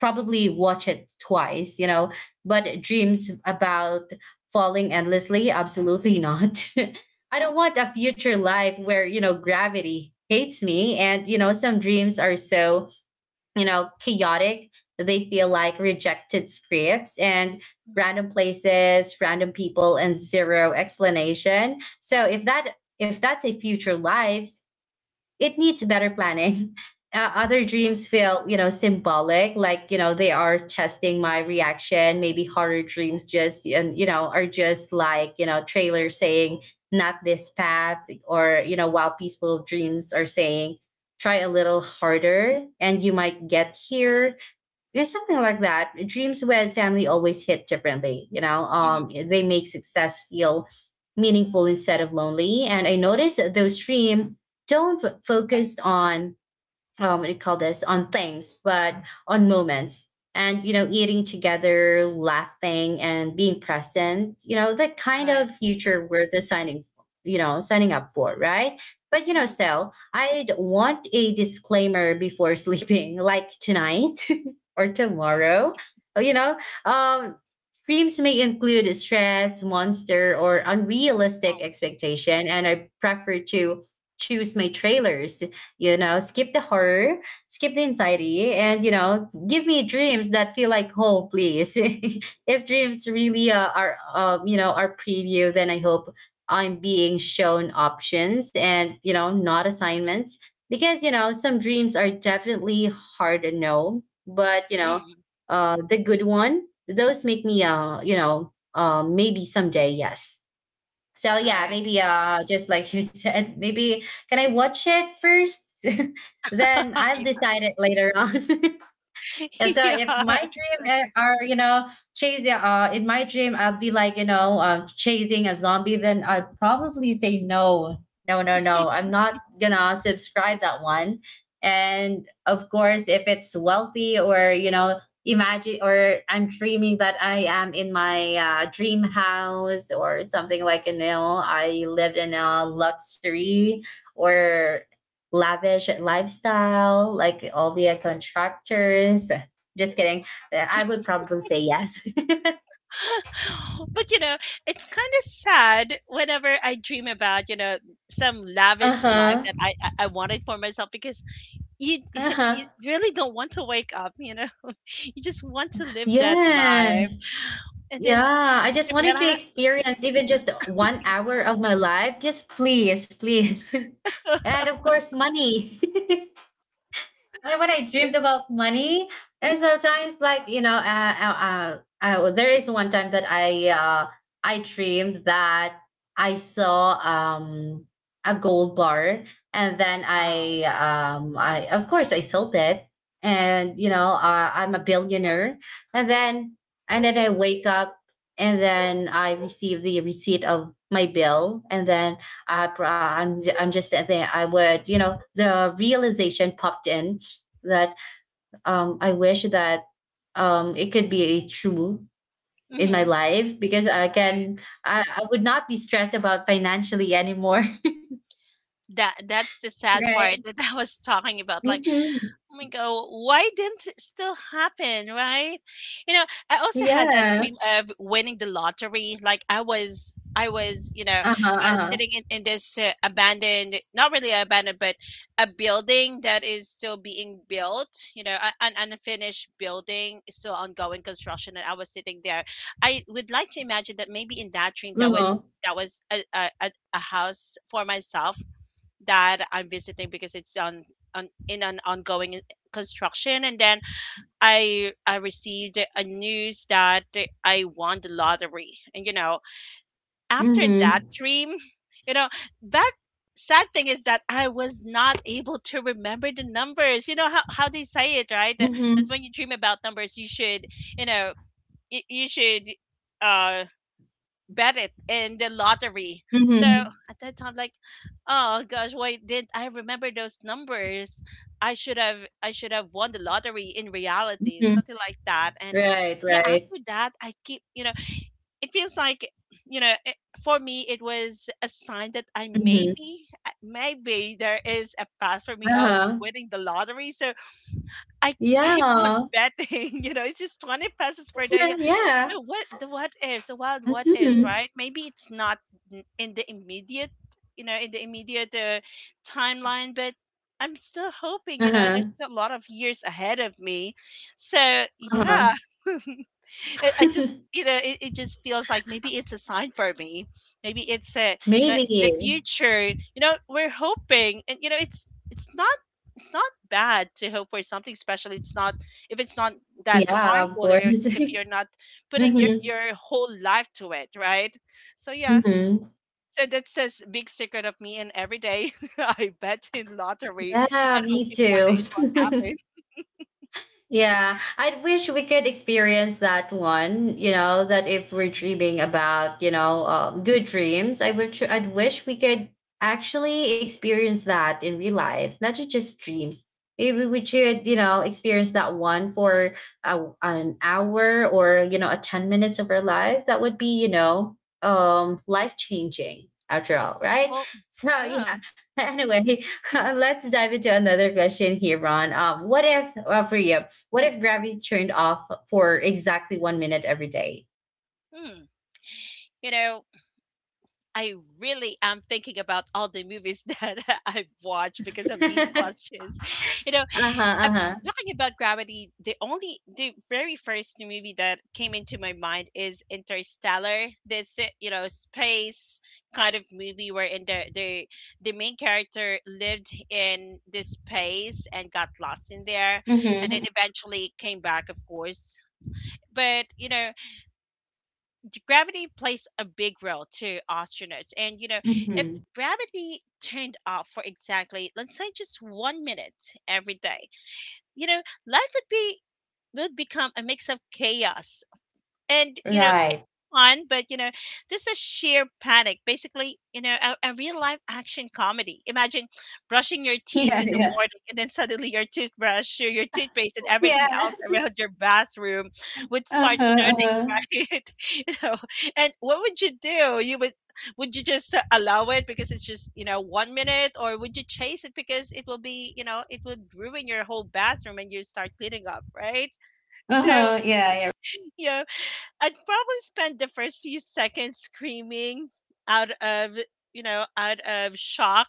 probably watch it twice, you know. But dreams about falling endlessly, absolutely not. I don't want a future life where, you know, gravity hates me, and, you know, some dreams are so, you know, chaotic. They feel like rejected scripts and random places, random people, and zero explanation. So if that's a future lives, it needs better planning. Other dreams feel, you know, symbolic, like, you know, they are testing my reaction. Maybe horror dreams just, and, you know, are just like, you know, trailer saying, not this path, or, you know, while peaceful dreams are saying, try a little harder and you might get here. Yeah, something like that. Dreams with family always hit differently, you know. Hmm. They make success feel meaningful instead of lonely. And I noticed that those dreams don't focus on, what do you call this, on things, but on moments. And you know, eating together, laughing, and being present. You know, the kind Right. of future we're designing you know, signing up for, right? But you know, Mm. still, I'd want a disclaimer before sleeping, like tonight or tomorrow. Oh, you know, um, dreams may include stress, monster, or Oh. unrealistic expectation, and I prefer to choose my trailers. You know, skip the horror, skip the anxiety, and you know, give me dreams that feel like home, please. If dreams really are preview, then I hope I'm being shown options and, you know, not assignments, because you know some dreams are definitely hard to know. But you know, Mhm. The good one, those make me, you know, maybe someday, yes. So yeah, maybe, just like you said, maybe can I watch it first, then I'll Yeah. decide it later on. And so if my Yeah, dream exactly. are, you know, chasing, in my dream, I'll be like, you know, chasing a zombie, then I'd probably say, no, no, no, no. I'm not gonna subscribe that one. And of course, if it's wealthy, or, you know, imagine or I'm dreaming that I am in my dream house or something, like, you know, I live in a luxury or lavish lifestyle, like all the contractors. Just kidding. I would probably say yes. But you know, it's kind of sad whenever I dream about, you know, some Uh lavish life huh. that I wanted for myself, because you, Uh you huh. really don't want to wake up. You know, you just want to live that life, Yes. and then Yeah. I just wanted to Relax. experience even just 1 hour of my life. Just please, please. And of course, money. Like when I dreamed about money, and sometimes, like, you know, there is one time that I dreamed that I saw a gold bar, and then Wow. I of course I sold it, and you know, I'm a billionaire, and then and then I wake up, and then I receive the receipt of my bill, and then I'm just there. I would, you know, the realization popped in that, I wish that, it could be a true in my Hmm. life, because I Right. can I, I would not be stressed about financially anymore. That, that's the sad Right. part that I was talking about. Like, Mm-hmm. oh my god, why didn't it still happen, right? You know, I also had that Yeah. dream of winning the lottery. Like I was, you know, Uh-huh. Uh-huh. sitting in this abandoned, not really abandoned, but a building that is still being built. You know, an unfinished building, still ongoing construction, and I was sitting there. I would like to imagine that maybe in that dream that Uh-huh. Was a, a house for myself that I'm visiting because on in an ongoing construction. And then I received a news that I won the lottery. And you know, after that Mm-hmm. dream, you know, that sad thing is that I was not able to remember the numbers. You know how they say it, right? That Mm-hmm. when you dream about numbers you should, you know, you should uh bet it in the lottery. So Mm-hmm. at that time, like, oh gosh, why didn't I remember those numbers? I should have, I should have won the lottery in reality, Mm-hmm. something like that. And Right, you know, right. after that, I keep, you know, it feels like, you know, for me, it was a sign that Mm-hmm. Maybe there is a path for me of Uh-huh. winning the lottery. So I keep on Yeah. betting. You know, it's just 20 pesos per day. Yeah. What the what ifs, the wild what ifs, Mm-hmm. right? Maybe it's not in the immediate, you know, in the immediate timeline, but I'm still hoping, you know, there's Uh-huh. still a lot of years ahead of me. So, yeah. Uh-huh. I just, you know, it just feels like maybe it's a sign for me. Maybe it's a, you know, Maybe. the future. You know, we're hoping, and you know, it's not bad to hope for something special. It's not, if it's not that Yeah, of harmful, course. or if you're not putting Mm-hmm. your whole life to it, right? So yeah. Mm-hmm. So that says big secret of me, and every day I bet in lottery Yeah, and me hoping one day too. it will happen. Yeah, I wish we could experience that one. You know that if we're dreaming about, you know, good dreams, I would. I'd wish we could actually experience that in real life, not just dreams. Maybe we should, you know, experience that one for an hour, or, you know, a 10 minutes of our life. That would be, you know, life changing after all, right? Well, So yeah, yeah. Anyway, let's dive into another question here, Ron. What if, for you? What if gravity turned off for exactly 1 minute every day? hmm. You know, I really am thinking about all the movies that I've watched because of these Uh-huh, questions. You know, I uh-huh. talking about gravity. The the very first movie that came into my mind is Interstellar. This, you know, space kind of movie where the main character lived in this space and got lost in there, and then Mm-hmm. eventually came back, of course. But you know, gravity plays a big role to astronauts. And, you know, Mm-hmm. if Mm-hmm. gravity turned off for exactly, let's say, just 1 minute every day, you know, life would be would become a mix of chaos and, you know, Right. fun, but you know, just a sheer panic. Basically, you know, a real life action comedy. Imagine brushing your teeth Yeah, in the yeah. morning and then suddenly your toothbrush, your toothpaste, and everything Yeah. else around your bathroom would start Uh-huh. Uh-huh. kid, you know. And what would you do? You would you just allow it because it's just, you know, 1 minute, or would you chase it because it will be, you know, it would ruin your whole bathroom and you start cleaning up, right? So Uh-huh. Yeah, yeah. yeah, I'd probably spend the first few seconds screaming out of, you know, out of shock.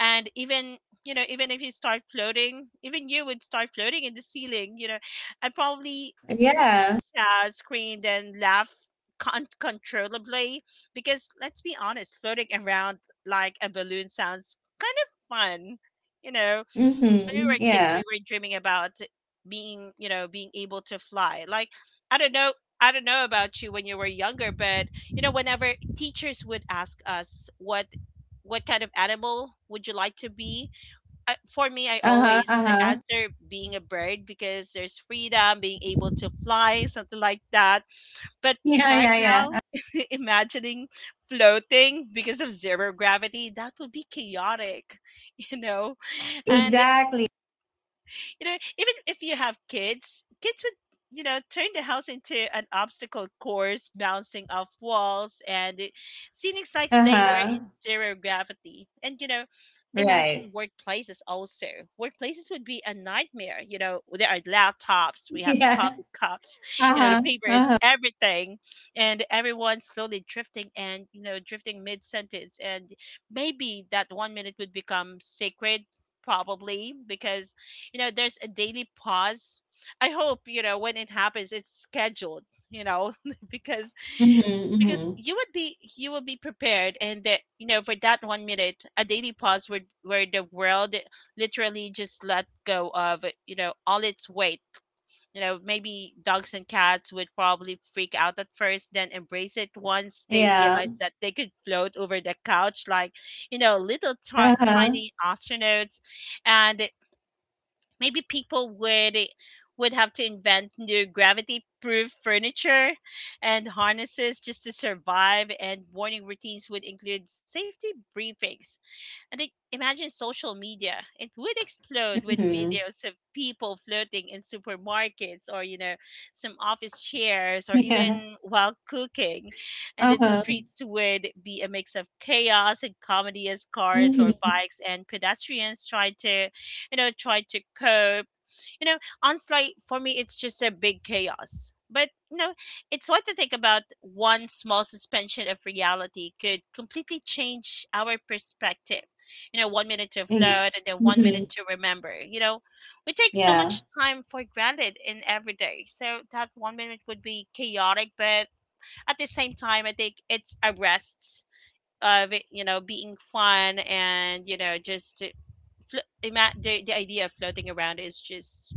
And even, you know, even if you start floating, even you would start floating in the ceiling, you know, I probably Right. Yeah. Screamed and laughed uncontrollably, because let's be honest, floating around like a balloon sounds kind of fun, you know. When we were Mm-hmm. kids we Yeah. were dreaming about being you know being able to fly, like, I don't know, I don't know about you when you were younger, but you know, whenever teachers would ask us what kind of animal would you like to be, for me, I Uh-huh. always Uh-huh. answer being a bird because there's freedom, being able to fly, something like that. But Yeah, right yeah, now, yeah. Imagining floating because of zero gravity, that would be chaotic, you know? And Exactly. you know, even if you have kids, kids would, you know, turn the house into an obstacle course, bouncing off walls, and it seems like they were Uh-huh. in zero gravity. And, you know, imagine Right. workplaces also. Workplaces would be a nightmare. You know, there are laptops, we have Yeah. coffee cups, you know, the Uh-huh. paper is Uh-huh. everything, and everyone slowly drifting and, you know, drifting mid sentence. And maybe that 1 minute would become sacred, probably because you know there's a daily pause. I hope, you know, when it happens it's scheduled, you know, because Mm-hmm. Mm-hmm. You will be prepared, and that, you know, for that 1 minute, a daily pause where the world literally just let go of, you know, all its weight. You know, maybe dogs and cats would probably freak out at first, then embrace it once they Yeah. realize that they could float over the couch like, you know, little Uh-huh. tiny astronauts. And maybe people would would have to invent new gravity proof furniture and harnesses just to survive, and morning routines would include safety briefings. And I imagine social media. It would explode with Mm-hmm. videos of people flirting in supermarkets or, you know, some office chairs or even Yeah. while cooking. And then the Uh-huh. streets would be a mix of chaos and comedy as cars or Mm-hmm. bikes and pedestrians try to, you know, try to cope, you know, onslaught. For me it's just a big chaos. But it's what to think about one small suspension of reality could completely change our perspective. You know, 1 minute to float, and then 1 minute Mm-hmm. to remember. You know, we take so Yeah. much time for granted in every day. So that 1 minute would be chaotic, but at the same time, I think it's a rest of it, being fun, and just the idea of floating around is just,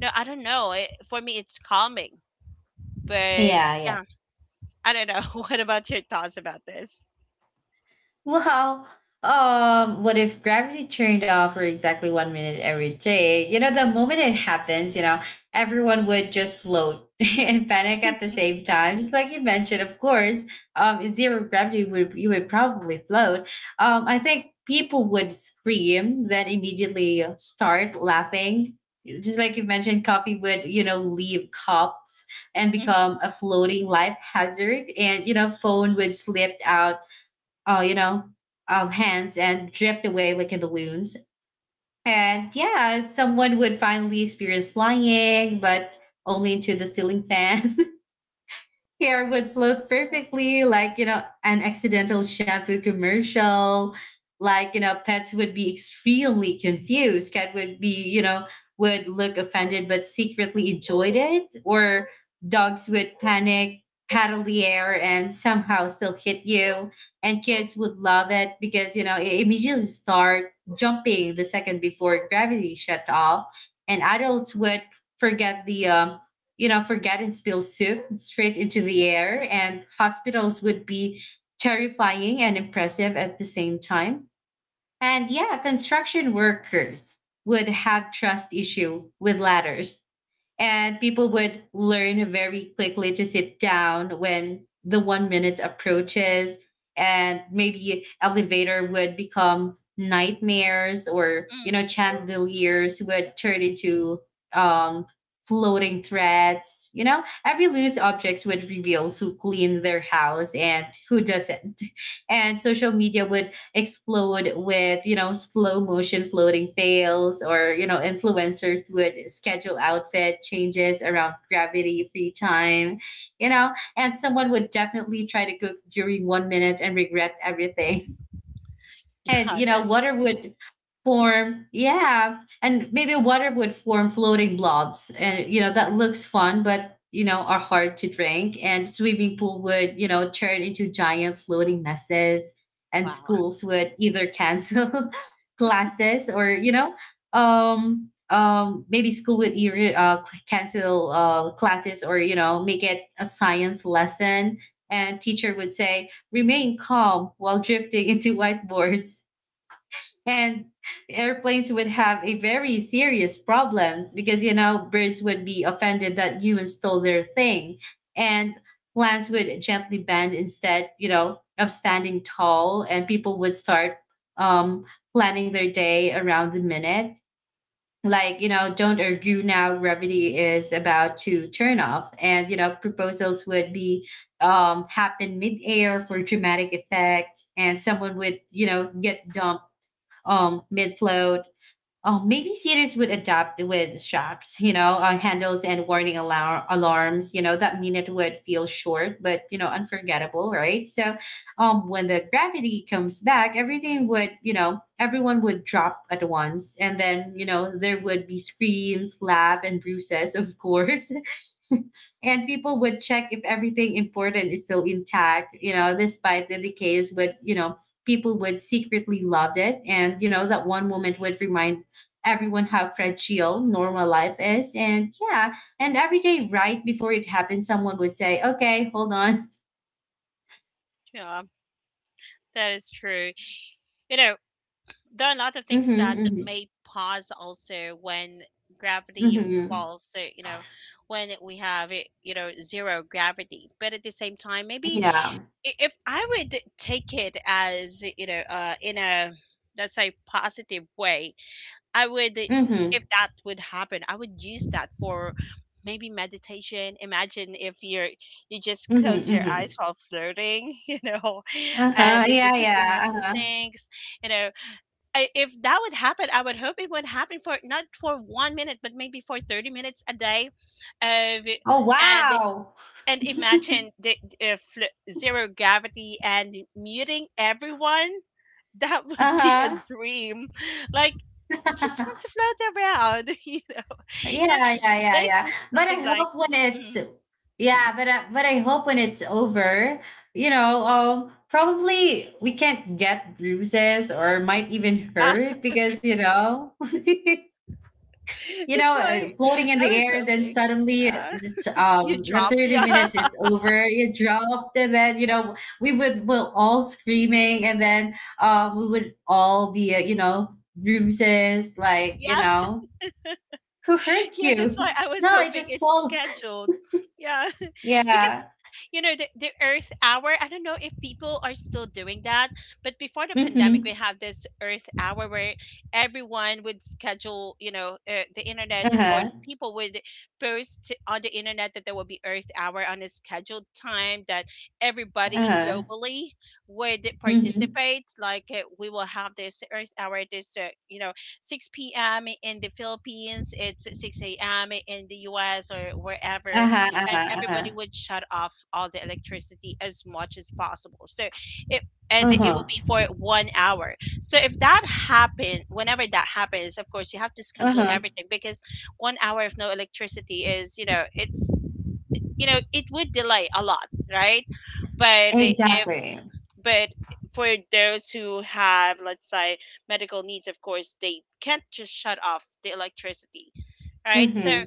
no, I don't know it, for me it's calming, but Yeah, yeah. yeah, I don't know. What about your thoughts about this? Well, what if gravity turned off for exactly 1 minute every day? You know, the moment it happens, you know, everyone would just float and panic at the same time. Just like you mentioned, of course, zero gravity, would you would probably float. I think people would scream, then immediately start laughing. Just like you mentioned, coffee would, you know, leave cups and Hmm. become a floating life hazard. And, you know, phone would slip out you know, hands and drift away like in balloons. And yeah, someone would finally experience flying, but only into the ceiling fan. Hair would float perfectly, like, you know, an accidental shampoo commercial. Like, you know, pets would be extremely confused. Cat you know, would look offended but secretly enjoyed it. Or dogs would panic, paddle the air, and somehow still hit you. And kids would love it because, you know, it immediately start jumping the second before gravity shut off. And adults would forget the you know, forget and spill soup straight into the air, and hospitals would be terrifying and impressive at the same time. And yeah, construction workers would have trust issue with ladders. And people would learn very quickly to sit down when the 1 minute approaches, and maybe elevator would become nightmares, or you Mm. know chandeliers would turn into um floating threads. You know, every loose objects would reveal who cleaned their house and who doesn't. And social media would explode with, you know, slow motion floating fails, or, you know, influencers would schedule outfit changes around gravity free time, you know, and someone would definitely try to cook during 1 minute and regret everything. And Yeah, you know that's true. water would form, yeah, and maybe water would form floating blobs, and you know that looks fun, but you know are hard to drink, and swimming pool would, you know, turn into giant floating messes. And Wow. schools would either cancel classes, or, you know, maybe school would either cancel classes, or, you know, make it a science lesson. And teacher would say, remain calm while drifting into whiteboards. And airplanes would have a very serious problems, because you know birds would be offended that humans stole their thing. And plants would gently bend instead, you know, of standing tall. And people would start, um planning their day around the minute, like, you know, don't argue now, gravity is about to turn off. And you know proposals would be happen midair for dramatic effect, and someone would, you know, get dumped, mid float. Maybe cities would adapt with straps, you know, handles and warning alarms. You know, that minute would feel short, but, you know, unforgettable, right? When the gravity comes back, everything would, everyone would drop at once. And then, there would be screams, laugh, and bruises, of course. And people would check if everything important is still intact, despite the decays, but people would secretly love it, and that one moment would remind everyone how fragile normal life is. And yeah, and every day, right before it happens, someone would say, okay, hold on. Yeah, that is true. You know, there are a lot of Mm-hmm, things that mm-hmm, may pause also when gravity mm-hmm. falls. So, when we have, zero gravity. But at the same time, maybe, Yeah. If I would take it as, in a, let's say, positive way, I would Mm-hmm, if that would happen, I would use that for maybe meditation. Imagine if you just close mm-hmm, your mm-hmm. eyes while flirting, Uh-huh. and it would Yeah, just yeah. imagine Uh-huh. things, you know. If that would happen, I would hope it would happen for not for 1 minute, but maybe for 30 minutes a day, of, Oh, and wow. and imagine the if zero gravity and muting everyone. That would be a Uh-huh. dream, like, just want to float around. You know, you know Yeah, yeah, yeah, there's yeah. just But something I like, hope when it's mm, Yeah, but I hope when it's over, probably we can't get bruises or might even uh, hurt because that's why floating in I the was air, then hoping. suddenly uh, you the dropped, thirty yeah. minutes is over, you dropped, and then we would will all screaming, and then we would all be bruises like Yeah, who hurt yeah, that's you? why I was No, I hoping just it's fall. scheduled. Yeah. Because, Yeah. The Earth Hour, I don't know if people are still doing that. But before the pandemic, we Mm-hmm. have this Earth Hour where everyone would schedule, the internet. Or Uh-huh. people would post on the internet that there will be Earth Hour on a scheduled time, that everybody Uh-huh. globally would Mm-hmm. participate. Like, we will have this Earth Hour this, 6 p.m. in the Philippines. It's 6 a.m. in the US, or wherever, Uh-huh. and everybody Uh-huh. would shut off all the electricity as much as possible. So it Uh-huh. it will Uh-huh. be for 1 hour. So if that happen, whenever that happens, of course you have to schedule Uh-huh. everything, because 1 hour of no electricity is, you know, it's you know it would delay a lot, right? But if Exactly. but for those who have, let's say, medical needs, of course they can't just shut off the electricity, right? So Mm-hmm.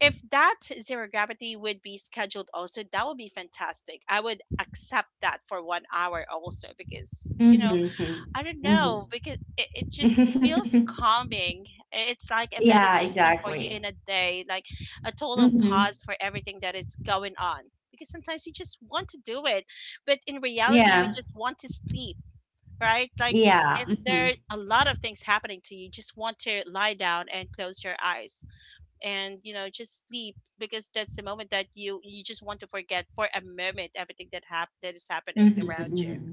if that, zero gravity would be scheduled also, that would be fantastic. I would accept that for 1 hour also because, Mm-hmm. I don't Mm-hmm. know, because it just feels calming. It's like a Yeah, meditation for you in exactly. a day, like a total Mm-hmm. pause for everything that is going on, because sometimes you just want to do it. But in reality we Yeah. just want to sleep, right? Like, Yeah. if Mm-hmm. there are a lot of things happening to you, you just want to lie down and close your eyes, and just sleep, because that's the moment that you just want to forget, for a moment, everything that is happening around Mm-hmm. you. Mm-hmm.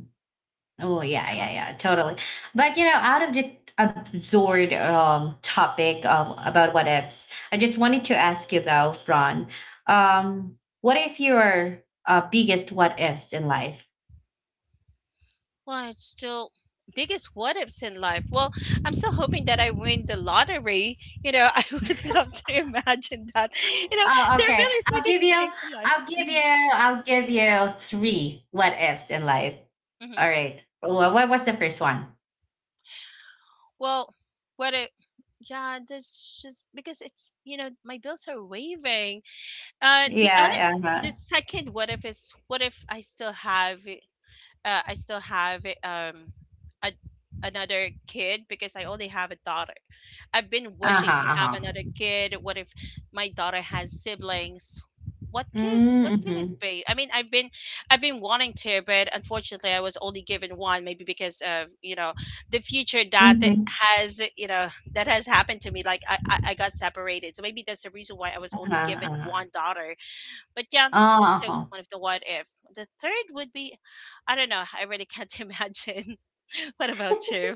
Oh yeah, Yeah. yeah, yeah, totally. But you know, out of the absurd topic about what ifs, I just wanted to ask you though, Fran, what if your biggest what ifs in life? Well, it's still biggest what ifs in life. Well, I'm still hoping that I win the lottery, I would love to imagine that. Oh, There are okay. really certain things in life. Hmm. I'll give you three what ifs in life. Hmm. All right. What was the first one? Well, what if? Yeah, that's just because it's, my bills are waving. uh the other Yeah, the yeah, second what if is: what if I still have, a, another kid, because I only have a daughter. I've been uh huh, wishing to uh huh. Uh have huh. another kid. What if my daughter has siblings? What kid? What could Mm-hmm. it be? I mean, I've been wanting to, but unfortunately, I was only given one. Maybe because of the future that th- Mm-hmm. has you know that has happened to me. Like I got separated, so maybe that's the reason why I was Uh-huh, only given uh-huh. one daughter. But yeah, that's still Oh, one of the what if. The third would be, I don't know. I really can't imagine. What about you?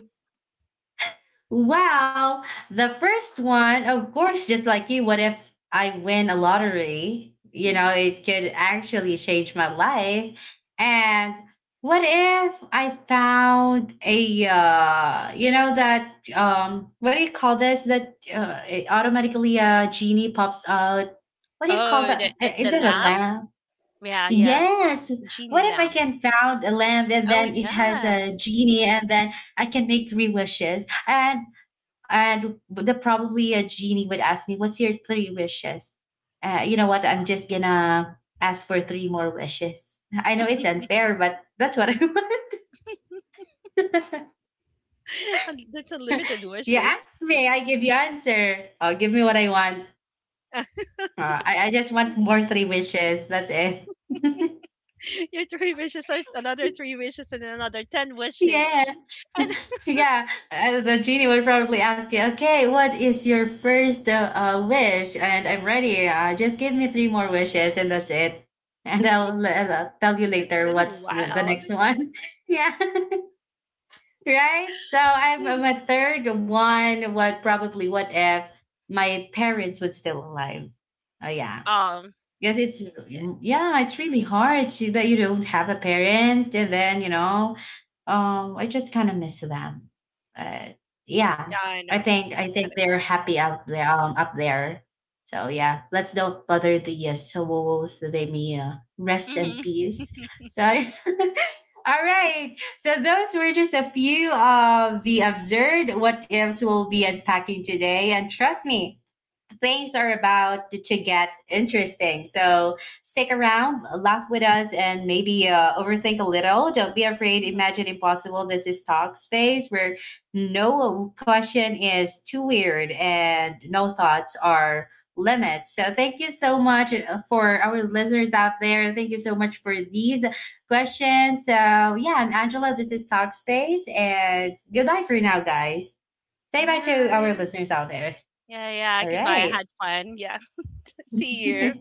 well, the first one, of course, just like you, what if I win a lottery? You know, Mhm. it could actually change my life. And what if I found a, you know, that, what do you call this? That it automatically a genie pops out. What do you call Oh, the, that? the the Is it a lamp. lamp? Yeah, yeah, Yes. genie What if I lamp. can found a lamp and Oh then it has yeah, a genie and then I can make three wishes? And the probably a genie would ask me, "What's your three wishes?" You know what? that's I'm just gonna ask for three more wishes. I know it's unfair, but that's what I want. That's unlimited You wishes. ask me, I give you answer. Oh, give me what I want. I just want more three wishes. That's it. Your three wishes are another three wishes and another ten wishes, Yeah. and Yeah, the genie would probably ask you, okay, what is your first wish? And I'm ready. Just give me three more wishes and that's it. I'll tell you it's later really what's the wild. next one. Yeah, right? So I'm Mhm. a third one. What probably, what if my parents would still alive? Oh, yeah. Um, Yes, yeah, yeah, it's really hard to, that you don't have a parent, and then I just kind of miss them. But yeah, yeah, I I know, think I think kind of they're happy emotional. out there, up there. So yeah, let's not bother the souls that they may rest in Hmm. peace. So. All right. So those were just a few of the absurd what ifs we'll be unpacking today. And trust me, things are about to get interesting. So stick around, laugh with us, and maybe overthink a little. Don't be afraid. Imagine impossible. This is Talk Space where no question is too weird and no thoughts are limits. So thank you so much for our listeners out there. Thank you so much for these questions. So yeah, I'm Angela. This is Talk Space, and goodbye for now, guys. Say bye to our Bye. listeners out there. Yeah, yeah. All Goodbye. I right. had fun. Yeah. See you.